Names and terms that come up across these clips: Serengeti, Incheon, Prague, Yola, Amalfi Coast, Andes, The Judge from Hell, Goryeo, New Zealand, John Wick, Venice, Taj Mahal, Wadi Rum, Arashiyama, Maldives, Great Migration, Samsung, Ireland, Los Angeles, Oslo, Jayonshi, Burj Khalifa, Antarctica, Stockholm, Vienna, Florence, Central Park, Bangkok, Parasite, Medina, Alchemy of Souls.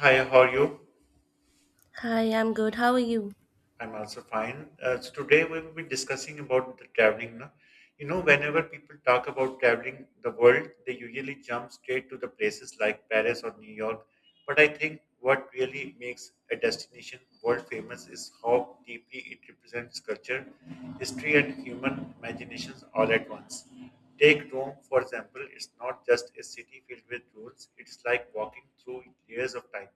Hi, how are you? Hi, I'm good. How are you? I'm also fine. So today we will be discussing about the traveling. Na. You know, whenever people talk about traveling the world, they usually jump straight to the places like Paris or New York. But I think what really makes a destination world famous is how deeply it represents culture, history, and human imaginations all at once. Take Rome, for example. It's not just a city filled with rules. It's like walking through layers of time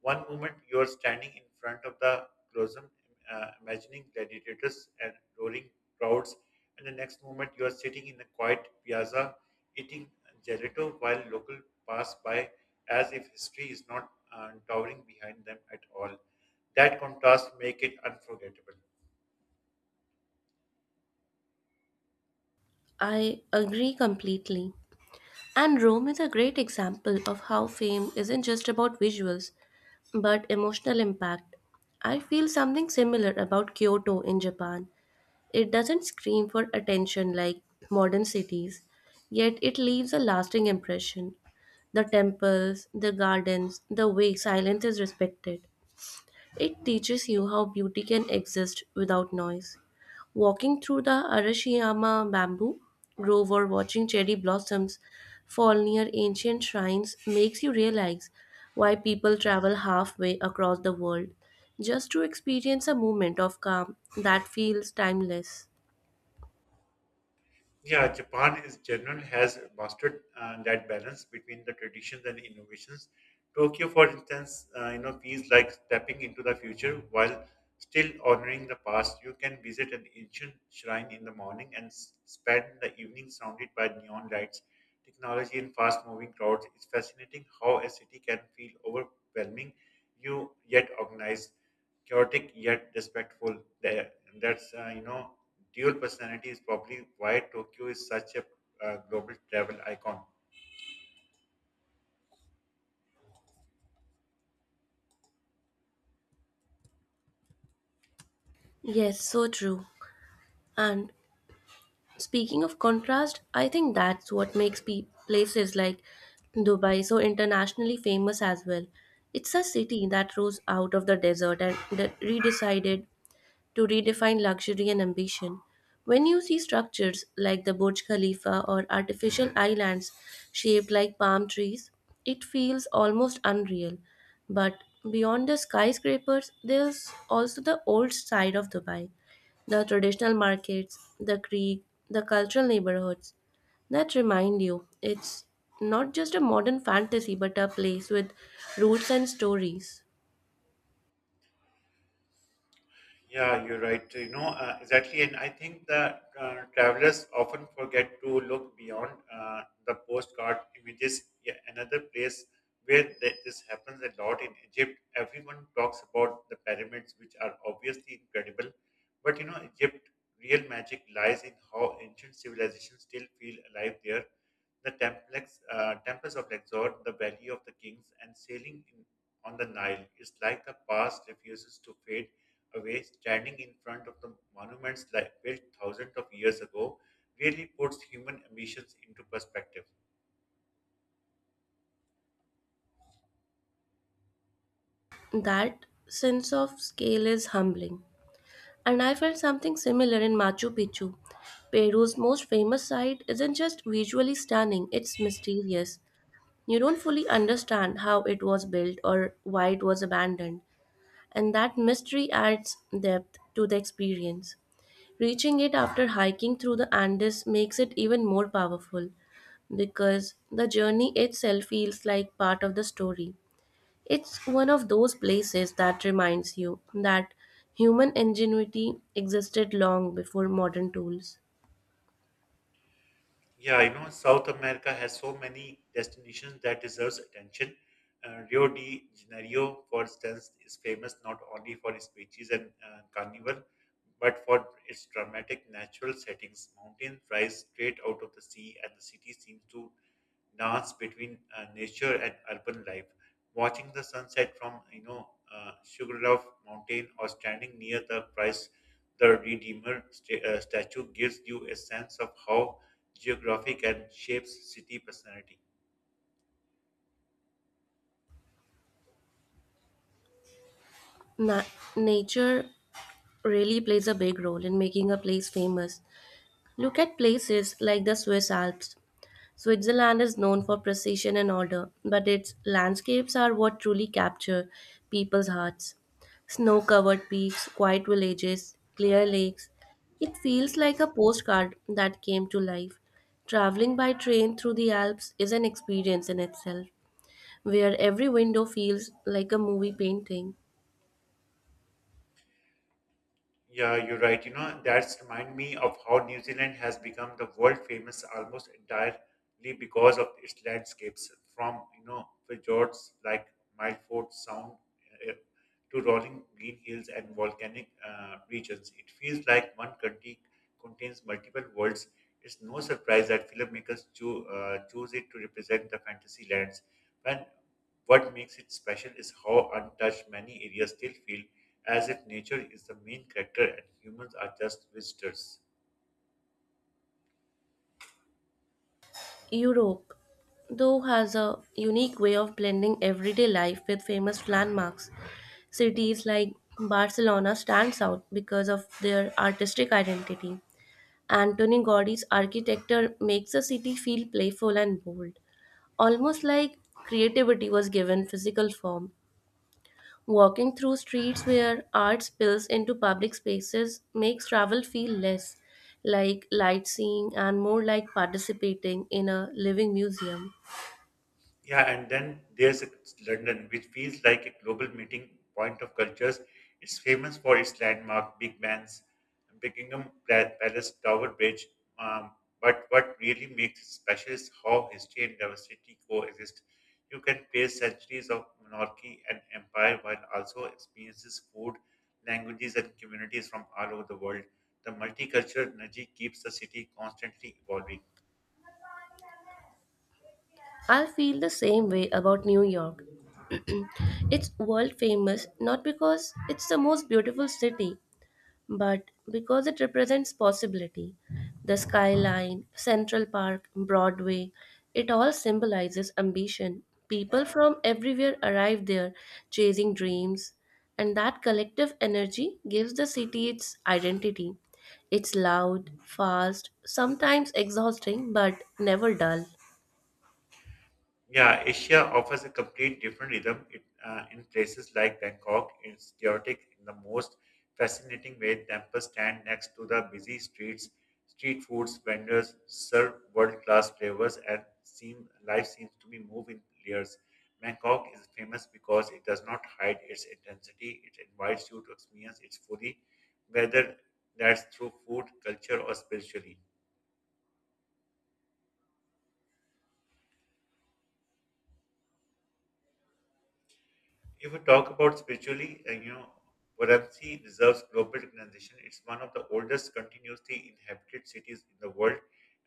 one moment you are standing in front of the Colosseum, imagining gladiators and roaring crowds, and the next moment you are sitting in a quiet piazza eating gelato while local pass by as if history is not towering behind them at all. That contrast make it unforgettable. I agree completely. And Rome is a great example of how fame isn't just about visuals, but emotional impact. I feel something similar about Kyoto in Japan. It doesn't scream for attention like modern cities, yet it leaves a lasting impression. The temples, the gardens, the way silence is respected. It teaches you how beauty can exist without noise. Walking through the Arashiyama bamboo grove or watching cherry blossoms fall near ancient shrines makes you realize why people travel halfway across the world just to experience a moment of calm that feels timeless. Yeah, Japan is general has mastered that balance between the traditions and innovations. Tokyo, for instance, feels like stepping into the future while still honoring the past. You can visit an ancient shrine in the morning and spend the evening surrounded by neon lights, technology, and fast-moving crowds. It's fascinating how a city can feel overwhelming, you yet organized chaotic yet respectful. There, that's dual personality is probably why Tokyo is such a global travel icon. Yes, so true. And speaking of contrast, I think that's what makes places like Dubai so internationally famous as well. It's a city that rose out of the desert and that redecided to redefine luxury and ambition. When you see structures like the Burj Khalifa or artificial islands shaped like palm trees, it feels almost unreal. But beyond the skyscrapers, there's also the old side of Dubai, the traditional markets, the creek, the cultural neighborhoods that remind you it's not just a modern fantasy but a place with roots and stories. Yeah, you're right. Exactly. And I think that travelers often forget to look beyond the postcard images. Yeah, another place where that this happens a lot in Egypt, everyone talks about the pyramids, which are obviously incredible. But you know, Egypt, real magic lies in how ancient civilizations still feel alive there. The temples of Luxor, the Valley of the Kings, and sailing in, on the Nile is like the past refuses to fade away, standing in front of the monuments like built thousands of years ago, really puts human ambitions into perspective. That sense of scale is humbling. And I felt something similar in Machu Picchu. Peru's most famous site isn't just visually stunning, it's mysterious. You don't fully understand how it was built or why it was abandoned, and that mystery adds depth to the experience. Reaching it after hiking through the Andes makes it even more powerful because the journey itself feels like part of the story. It's one of those places that reminds you that human ingenuity existed long before modern tools. Yeah, you know, South America has so many destinations that deserves attention. Rio de Janeiro, for instance, is famous not only for its beaches and carnival, but for its dramatic natural settings. Mountains rise straight out of the sea, and the city seems to dance between nature and urban life. Watching the sunset from Sugarloaf Mountain or standing near the Christ the Redeemer statue gives you a sense of how geography can shape city personality. Na- Nature really plays a big role in making a place famous. Look at places like the Swiss Alps. Switzerland is known for precision and order, but its landscapes are what truly capture people's hearts. Snow covered peaks, quiet villages, clear lakes. It feels like a postcard that came to life. Traveling by train through the Alps is an experience in itself, where every window feels like a movie painting. Yeah, you're right. You know, that's remind me of how New Zealand has become the world famous almost entirely because of its landscapes, from fjords like Milford Sound uh, to rolling green hills and volcanic regions. It feels like one country contains multiple worlds. It's no surprise that filmmakers choose it to represent the fantasy lands. And what makes it special is how untouched many areas still feel, as if nature is the main character and humans are just visitors. Europe, though, has a unique way of blending everyday life with famous landmarks. Cities like Barcelona stands out because of their artistic identity. Antoni Gaudi's architecture makes the city feel playful and bold, almost like creativity was given physical form. Walking through streets where art spills into public spaces makes travel feel less like light seeing and more like participating in a living museum. Yeah, and then London, which feels like a global meeting point of cultures. It's famous for its landmark, big bands, Palace, Tower Bridge. Um, but what really makes it special is how history and diversity coexist. You can face centuries of monarchy and empire while also experiences food, languages, and communities from all over the world. The multicultural energy keeps the city constantly evolving. I feel the same way about New York. It's world famous not because it's the most beautiful city, but because it represents possibility. The skyline, Central Park, Broadway, it all symbolizes ambition. People from everywhere arrive there chasing dreams, and that collective energy gives the city its identity. It's loud, fast, sometimes exhausting, but never dull. Yeah, Asia offers a complete different rhythm. In places like Bangkok, it's chaotic in the most fascinating way. Temples stand next to the busy streets. Street foods vendors serve world-class flavors, and seem life seems to be moved in layers. Bangkok is famous because it does not hide its intensity. It invites you to experience it fully, whether that's through food, culture, or spiritually. If we talk about spiritually, Varanasi deserves global recognition. It's one of the oldest continuously inhabited cities in the world,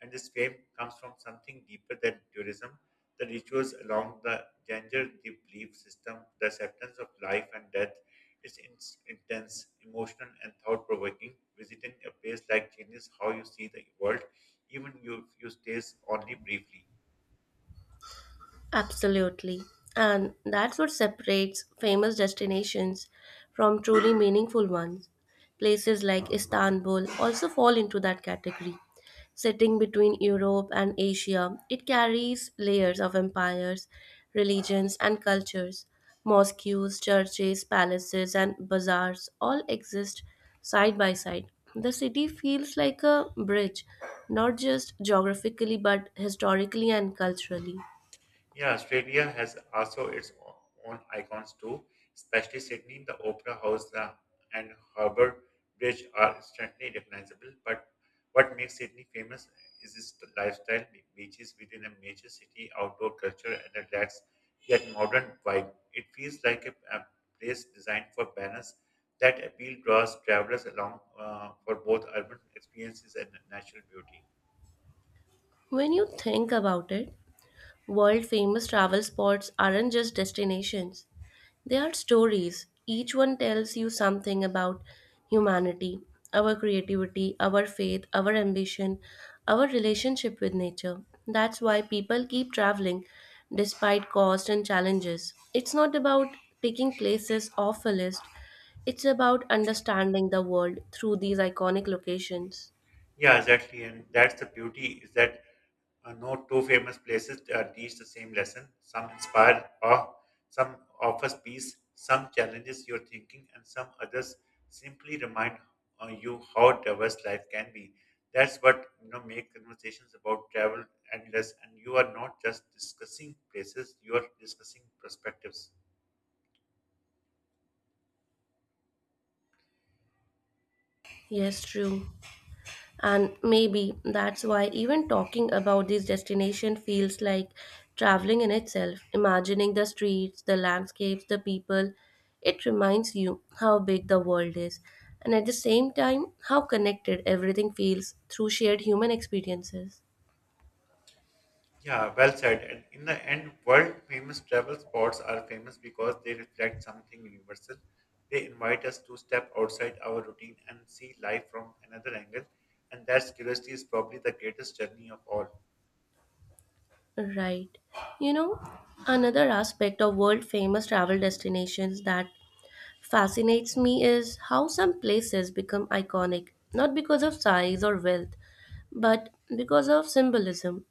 and this fame comes from something deeper than tourism. The rituals along the Ganges, the belief system, the acceptance of life and death. It's in- intense, emotional, and thought-provoking. Visiting a place like changes how you see the world, if you stay only briefly. Absolutely. And that's what separates famous destinations from truly meaningful ones. Places like Istanbul also fall into that category. Sitting between Europe and Asia, it carries layers of empires, religions, and cultures. Mosques, churches, palaces, and bazaars all exist side by side. The city feels like a bridge, not just geographically but historically and culturally. Yeah, Australia has also own icons too, especially Sydney, the Opera House the, and Harbour Bridge are instantly recognizable. But what makes Sydney famous is its lifestyle, beaches within a major city, outdoor culture, and a relaxed yet modern vibe. It feels like a place designed for balance. That appeal draws travelers along for both urban experiences and natural beauty. When you think about it, world famous travel spots aren't just destinations, they are stories. Each one tells you something about humanity, our creativity, our faith, our ambition, our relationship with nature. That's why people keep traveling despite cost and challenges. It's not about taking places off a list, it's about understanding the world through these iconic locations. Yeah, exactly, and that's the beauty is that no two famous places teach the same lesson. Some inspire awe, some offers peace, some challenges your thinking, and some others simply remind you how diverse life can be. That's what make conversations about travel endless, and you are not just discussing places; you are discussing perspectives. Yes, true. And maybe that's why even talking about this destination feels like traveling in itself, imagining the streets, the landscapes, the people. It reminds you how big the world is, and at the same time, how connected everything feels through shared human experiences. Yeah, well said. And in the end, world famous travel spots are famous because they reflect something universal. They invite us to step outside our routine and see life from another angle. And that curiosity is probably the greatest journey of all. Right. You know, another aspect of world famous travel destinations that fascinates me is how some places become iconic, not because of size or wealth, but because of symbolism.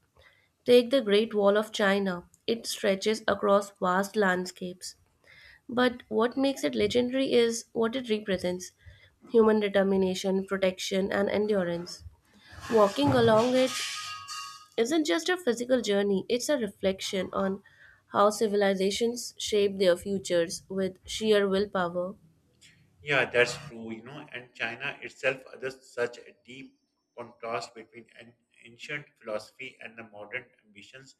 Take the Great Wall of China, it stretches across vast landscapes. But what makes it legendary is what it represents, human determination, protection, and endurance. Walking along it isn't just a physical journey, it's a reflection on how civilizations shape their futures with sheer willpower. Yeah, that's true, you know, and China itself others such a deep contrast between an ancient philosophy and the modern ambitions.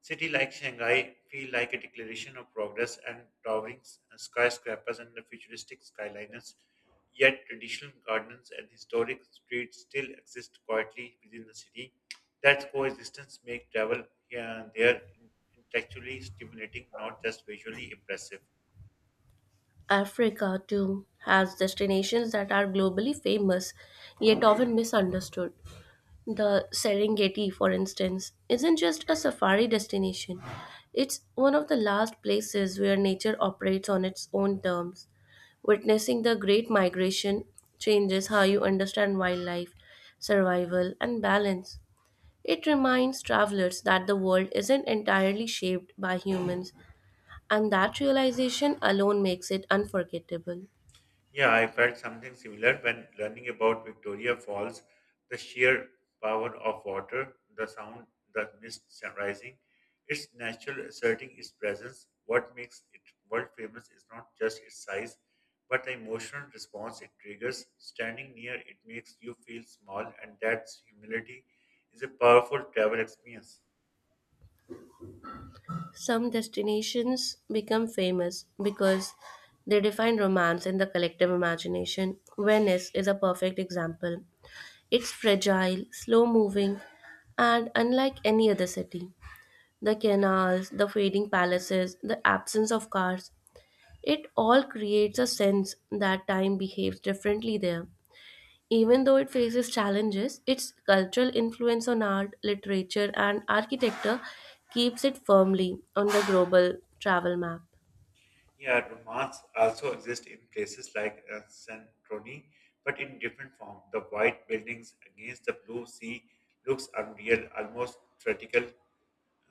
City like Shanghai feel like a declaration of progress and towering skyscrapers and the futuristic skylines, yet traditional gardens and historic streets still exist quietly within the city. That coexistence makes travel here and there intellectually stimulating, not just visually impressive. Africa, too, has destinations that are globally famous yet often misunderstood. The Serengeti, for instance, isn't just a safari destination, it's one of the last places where nature operates on its own terms. Witnessing the Great Migration changes how you understand wildlife, survival, and balance. It reminds travelers that the world isn't entirely shaped by humans, and that realization alone makes it unforgettable. Yeah, I felt something similar when learning about Victoria Falls, the sheer power of water, the sound, the mist rising, its natural asserting its presence. What makes it world famous is not just its size, but the emotional response it triggers. Standing near it makes you feel small, and that humility is a powerful travel experience. Some destinations become famous because they define romance in the collective imagination. Venice is a perfect example. It's fragile, slow moving, and unlike any other city. The canals, the fading palaces, the absence of cars, it all creates a sense that time behaves differently there. Even though it faces challenges, its cultural influence on art, literature, and architecture keeps it firmly on the global travel map. Yeah, romance also exist in places like Santorini, but in different form. The white buildings against the blue sea looks unreal, almost theatrical.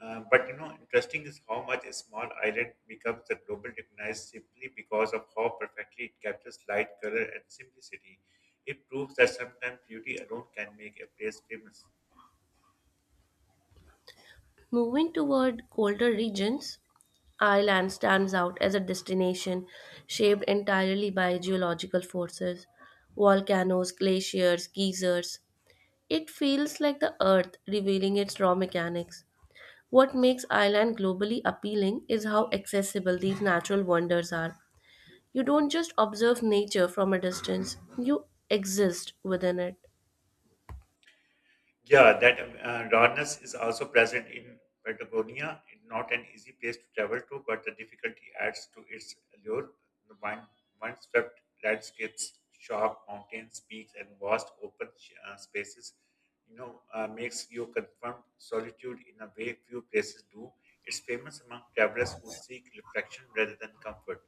But you know, interesting is how much a small island becomes the global recognized simply because of how perfectly it captures light, color, and simplicity. It proves that sometimes beauty alone can make a place famous. Moving toward colder regions, Ireland stands out as a destination shaped entirely by geological forces, volcanoes, glaciers, geysers. It feels like the earth revealing its raw mechanics. What makes Ireland globally appealing is how accessible these natural wonders are. You don't just observe nature from a distance, you exist within it. Yeah, that rawness is also present in Patagonia. It's not an easy place to travel to, but the difficulty adds to its allure. The mind, swept landscapes, sharp mountains, peaks, and vast open spaces, makes you confront solitude in a way few places do. It's famous among travelers who seek reflection rather than comfort.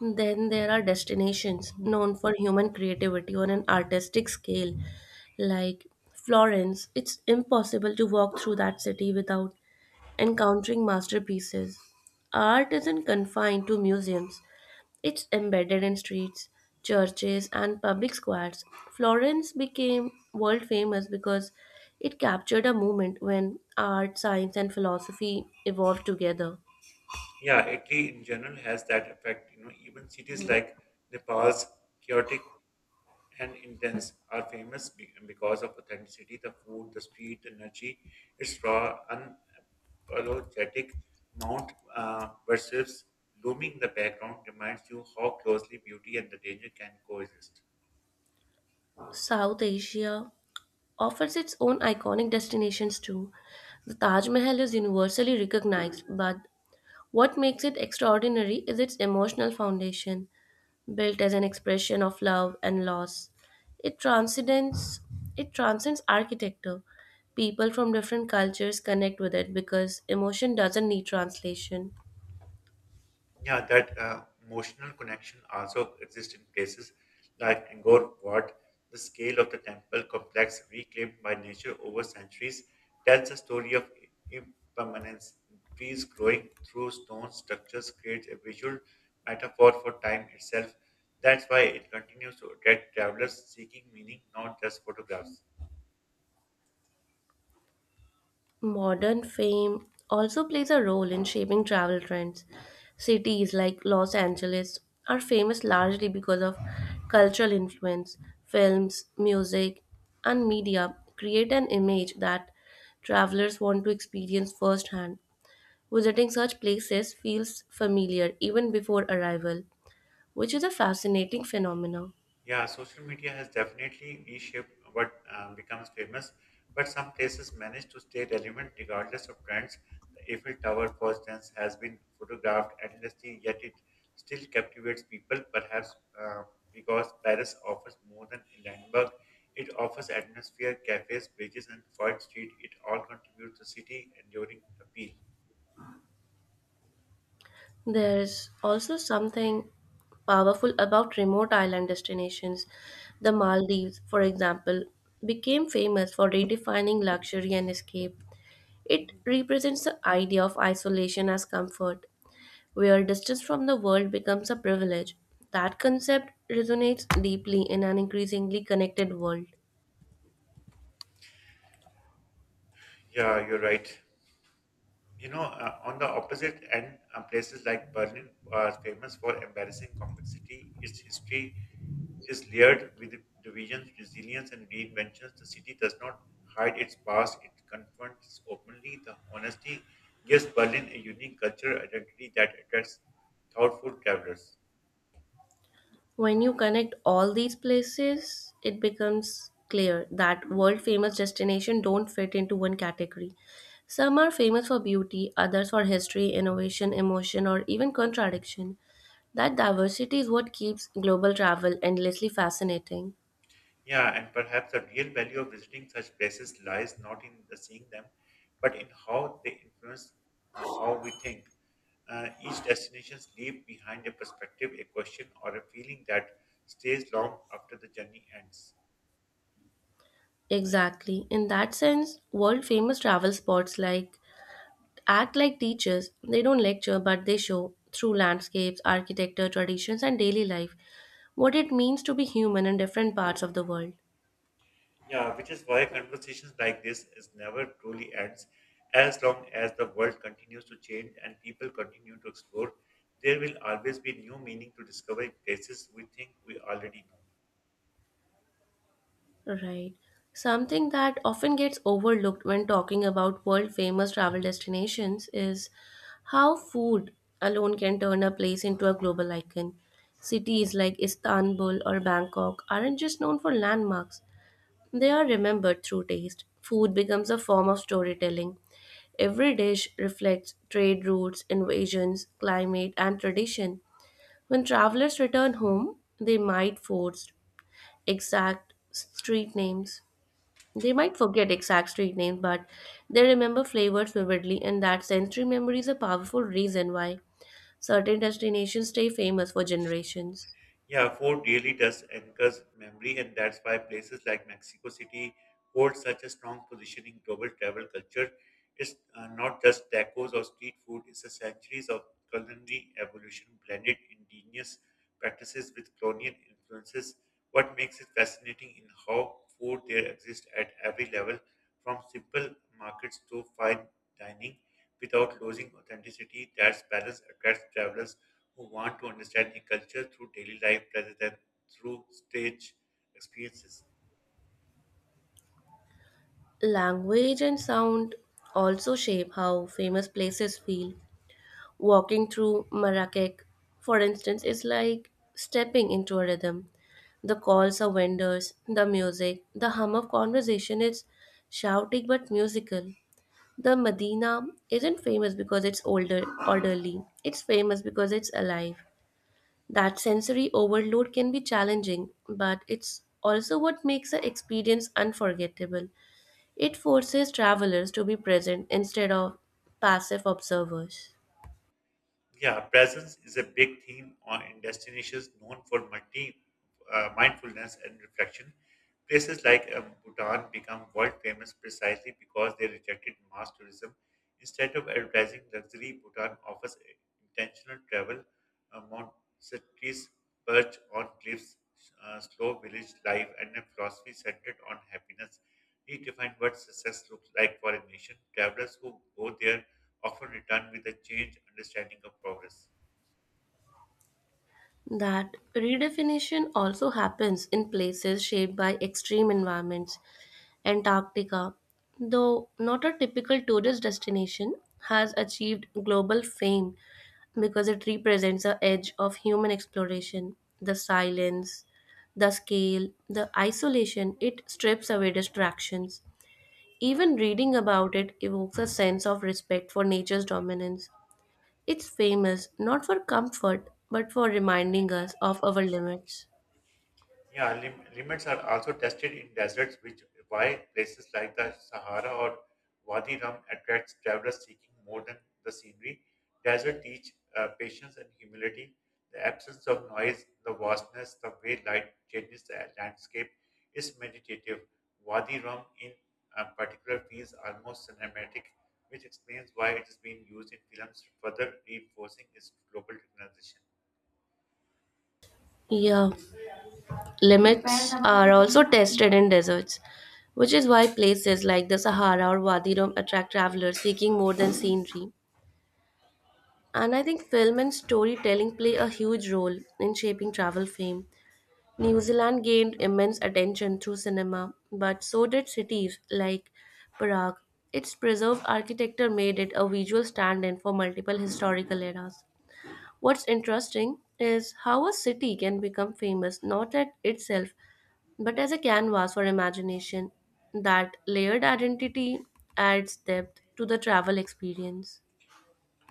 Then there are destinations known for human creativity on an artistic scale, like Florence. It's impossible to walk through that city without encountering masterpieces. Art isn't confined to museums, it's embedded in streets, churches, and public squares. Florence became world famous because it captured a moment when art, science, and philosophy evolved together. Yeah, Italy in general has that effect. You know, even cities like Nepal's chaotic and intense are famous because of authenticity, the food, the street energy, its raw, unapologetic Mount versus looming in the background reminds you how closely beauty and the danger can coexist. South Asia offers its own iconic destinations too. The Taj Mahal is universally recognized, but what makes it extraordinary is its emotional foundation, built as an expression of love and loss. It transcends it transcends architecture. People from different cultures connect with it because emotion doesn't need translation. Yeah, that emotional connection also exists in places like Angkor Wat. The scale of the temple complex, reclaimed by nature over centuries, tells a story of impermanence. Trees growing through stone structures creates a visual metaphor for time itself. That's why it continues to attract travelers seeking meaning, not just photographs. Modern fame also plays a role in shaping travel trends. Cities like Los Angeles are famous largely because of cultural influence. Films, music, and media create an image that travelers want to experience firsthand. Visiting such places feels familiar even before arrival, which is a fascinating phenomenon. Yeah, social media has definitely reshaped what becomes famous, but some places manage to stay relevant regardless of trends. The Eiffel Tower, for instance, has been photographed endlessly, yet it still captivates people, perhaps because Paris offers more than Landenberg. It offers atmosphere, cafes, bridges, and quiet street. It all contributes to city enduring appeal. There is also something powerful about remote island destinations. The Maldives, for example, became famous for redefining luxury and escape. It represents the idea of isolation as comfort, where distance from the world becomes a privilege. That concept resonates deeply in an increasingly connected world. Yeah, you're right. On the opposite end, places like Berlin are famous for embarrassing complexity. Its history is layered with divisions, resilience, and reinventions. The city does not hide its past, it confronts openly the honesty. Gives Berlin a unique cultural identity that attracts thoughtful travelers. When you connect all these places, it becomes clear that world famous destinations don't fit into one category. Some are famous for beauty, others for history, innovation, emotion, or even contradiction. That diversity is what keeps global travel endlessly fascinating. Yeah, and perhaps the real value of visiting such places lies not in the seeing them, but in how they influence how we think. Each destination leaves behind a perspective, a question, or a feeling that stays long after the journey ends. Exactly. In that sense, world famous travel spots like act like teachers. They don't lecture, but they show through landscapes, architecture, traditions, and daily life what it means to be human in different parts of the world. Yeah, which is why conversations like this is never truly ends. As long as the world continues to change and people continue to explore, there will always be new meaning to discover in places we think we already know. Right. Something that often gets overlooked when talking about world famous travel destinations is how food alone can turn a place into a global icon. Cities like Istanbul or Bangkok aren't just known for landmarks, they are remembered through taste. Food becomes a form of storytelling. Every dish reflects trade routes, invasions, climate, and tradition. When travelers return home, they might force exact street names. They might forget exact street names, but they remember flavors vividly, and that sensory memory is a powerful reason why certain destinations stay famous for generations. Yeah, food really does anchors memory, and that's why places like Mexico City hold such a strong position in global travel culture. It's not just tacos or street food, it's a centuries of culinary evolution blended indigenous practices with colonial influences. What makes it fascinating in how food there exists at every level, from simple markets to fine dining, without losing authenticity. That balance attracts travelers who want to understand the culture through daily life rather than through stage experiences. Language and sound also shape how famous places feel. Walking through Marrakech, for instance, is like stepping into a rhythm. The calls of vendors, the music, the hum of conversation is shouting but musical. The Medina isn't famous because it's older orderly. It's famous because it's alive. That sensory overload can be challenging, but it's also what makes the experience unforgettable. It forces travelers to be present instead of passive observers. Yeah, presence is a big theme in destinations known for multi mindfulness and reflection. Places like Bhutan become world famous precisely because they rejected mass tourism. Instead of advertising luxury, Bhutan offers intentional travel, Montessori's perch on cliffs, slow village life, and a philosophy centered on happiness. Redefined what success looks like for a nation. Travelers who go there often return with a changed understanding of progress. That redefinition also happens in places shaped by extreme environments. Antarctica, though not a typical tourist destination, has achieved global fame because it represents the edge of human exploration, the silence, the scale, the isolation, it strips away distractions. Even reading about it evokes a sense of respect for nature's dominance. It's famous not for comfort but for reminding us of our limits. Yeah, limits are also tested in deserts, which why places like the Sahara or Wadi Rum attracts travelers seeking more than the scenery. Desert teach patience and humility. The absence of noise, the vastness, the way light changes the landscape is meditative. Wadi Rum, in particular, feels almost cinematic, which explains why it is being used in films, further reinforcing its global recognition. Yeah, limits are also tested in deserts, which is why places like the Sahara or Wadi Rum attract travelers seeking more than scenery. And I think film and storytelling play a huge role in shaping travel fame. New Zealand gained immense attention through cinema, but so did cities like Prague. Its preserved architecture made it a visual stand in for multiple historical eras. What's interesting is how a city can become famous not at itself but as a canvas for imagination. That layered identity adds depth to the travel experience.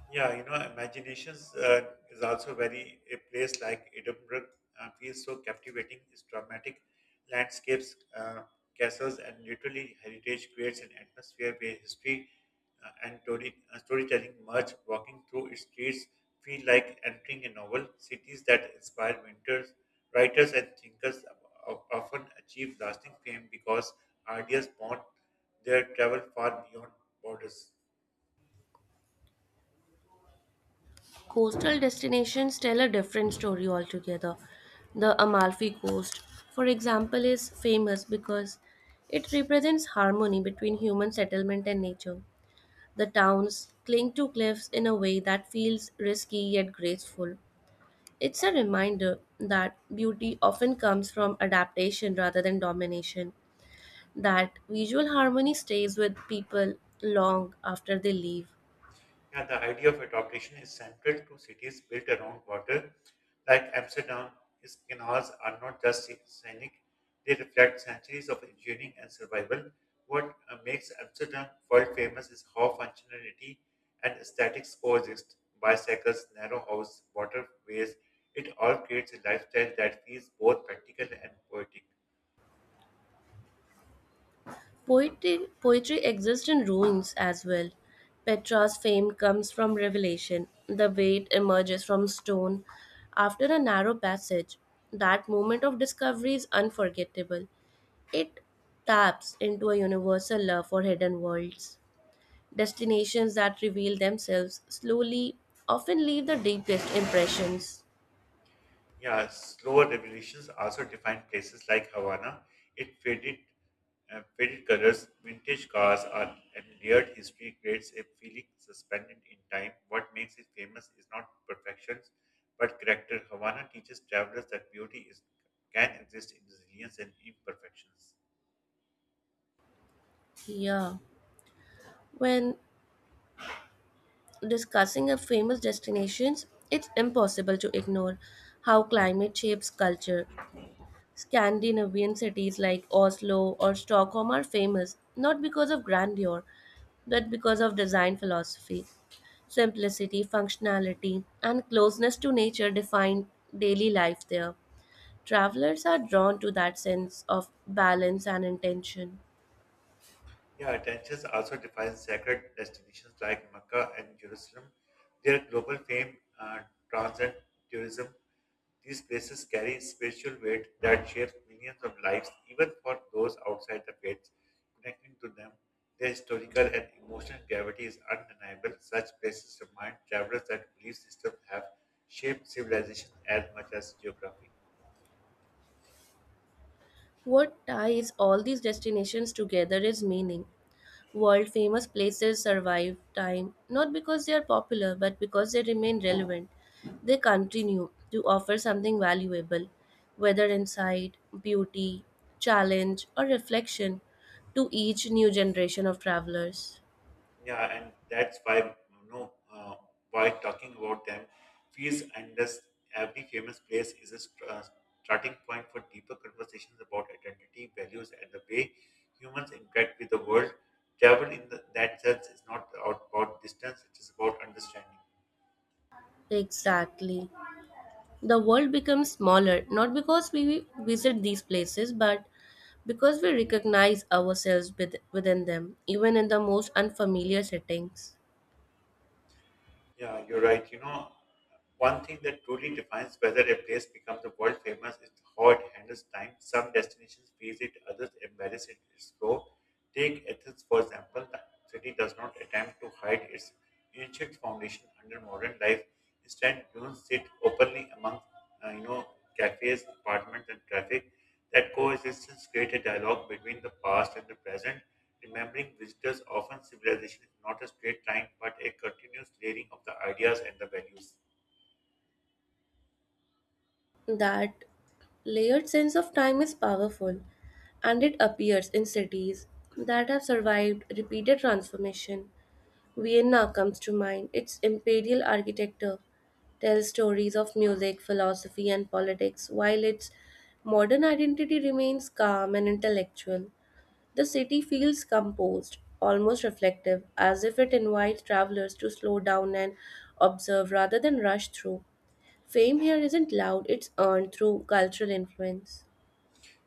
Yeah, imaginations is also very a place like Edinburgh feels so captivating. Its dramatic landscapes, castles, and literally heritage creates an atmosphere where history and storytelling merge. Walking through its streets feel like entering a novel. Cities that inspire winters, writers and thinkers often achieve lasting fame because ideas bond their travel far beyond borders. Coastal destinations tell a different story altogether. The Amalfi Coast, for example, is famous because it represents harmony between human settlement and nature. The towns cling to cliffs in a way that feels risky yet graceful. It's a reminder that beauty often comes from adaptation rather than domination, that visual harmony stays with people long after they leave. Yeah, the idea of adaptation is central to cities built around water. Like Amsterdam, its canals are not just scenic, they reflect centuries of engineering and survival. What makes Amsterdam world famous is how functionality and aesthetics coexist. Bicycles, narrow house, waterways, it all creates a lifestyle that feels both practical and poetic. Poetry exists in ruins as well. Petrarch's fame comes from revelation. The weight emerges from stone after a narrow passage. That moment of discovery is unforgettable. It taps into a universal love for hidden worlds. Destinations that reveal themselves slowly often leave the deepest impressions. Yeah, slower revolutions also defined places like Havana. It faded, faded colors, vintage cars, are, and layered history creates a feeling suspended in time. What makes it famous is not perfection, but character. Havana teaches travelers that beauty is can exist in resilience and imperfections. Yeah. When discussing a famous destinations, it's impossible to ignore how climate shapes culture. Scandinavian cities like Oslo or Stockholm are famous not because of grandeur, but because of design philosophy. Simplicity, functionality, and closeness to nature define daily life there. Travelers are drawn to that sense of balance and intention. Yeah, attentions also defines sacred destinations like Mecca and Jerusalem. Their global fame transcends tourism. These places carry spiritual weight that shapes millions of lives, even for those outside the faiths. Connecting to them, their historical and emotional gravity is undeniable. Such places remind travelers that belief systems have shaped civilization as much as geography. What ties all these destinations together is meaning. World famous places survive time not because they are popular but because they remain relevant. They continue to offer something valuable, whether insight, beauty, challenge, or reflection to each new generation of travelers. Yeah, and that's why why talking about them feels endless. Every famous place is a starting point for deeper conversations about identity, values, and the way humans interact with the world. Travel in the, that sense is not about distance; it is about understanding. Exactly. The world becomes smaller, not because we visit these places, but because we recognize ourselves within them, even in the most unfamiliar settings. Yeah, you're right. You know, one thing that truly defines whether a place becomes a world famous is how it handles time. Some destinations praise it, others embarrass it. It's slow. Take Athens, for example. The city does not attempt to hide its ancient foundation under modern life. Instead, dunes sit openly among, uh, you know, cafes, apartments, and traffic. That coexistence creates a dialogue between the past and the present, remembering visitors often civilization is not a straight line but a continuous layering of the ideas and the values. That layered sense of time is powerful, and it appears in cities that have survived repeated transformation. Vienna comes to mind. Its imperial architecture tells stories of music, philosophy, and politics, while its modern identity remains calm and intellectual. The city feels composed, almost reflective, as if it invites travelers to slow down and observe rather than rush through. Fame here isn't loud, it's earned through cultural influence.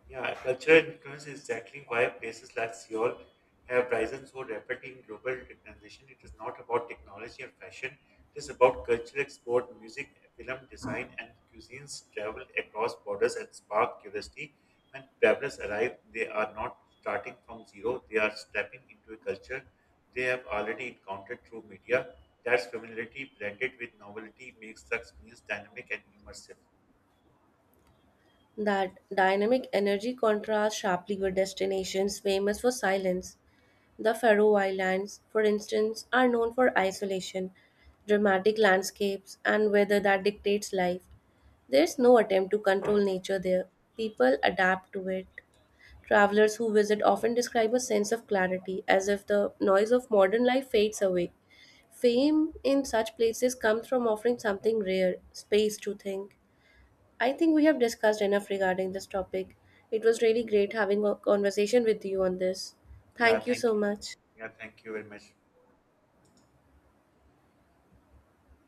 Yeah, cultural influence is exactly why places like Seoul have risen so rapidly in global recognition. It is not about technology or fashion, it is about cultural export, music, film design, and cuisines travel across borders and spark curiosity. When travelers arrive, they are not starting from zero, they are stepping into a culture they have already encountered through media. That's familiarity blended with novelty makes such meals dynamic and immersive. That dynamic energy contrasts sharply with destinations famous for silence. The Faroe Islands, for instance, are known for isolation, dramatic landscapes, and weather that dictates life. There's no attempt to control nature there. People adapt to it. Travelers who visit often describe a sense of clarity, as if the noise of modern life fades away. Fame in such places comes from offering something rare space to think. I think we have discussed enough regarding this topic. It was really great having a conversation with you on this. Yeah, Thank you so thank you. much. Yeah, thank you very much.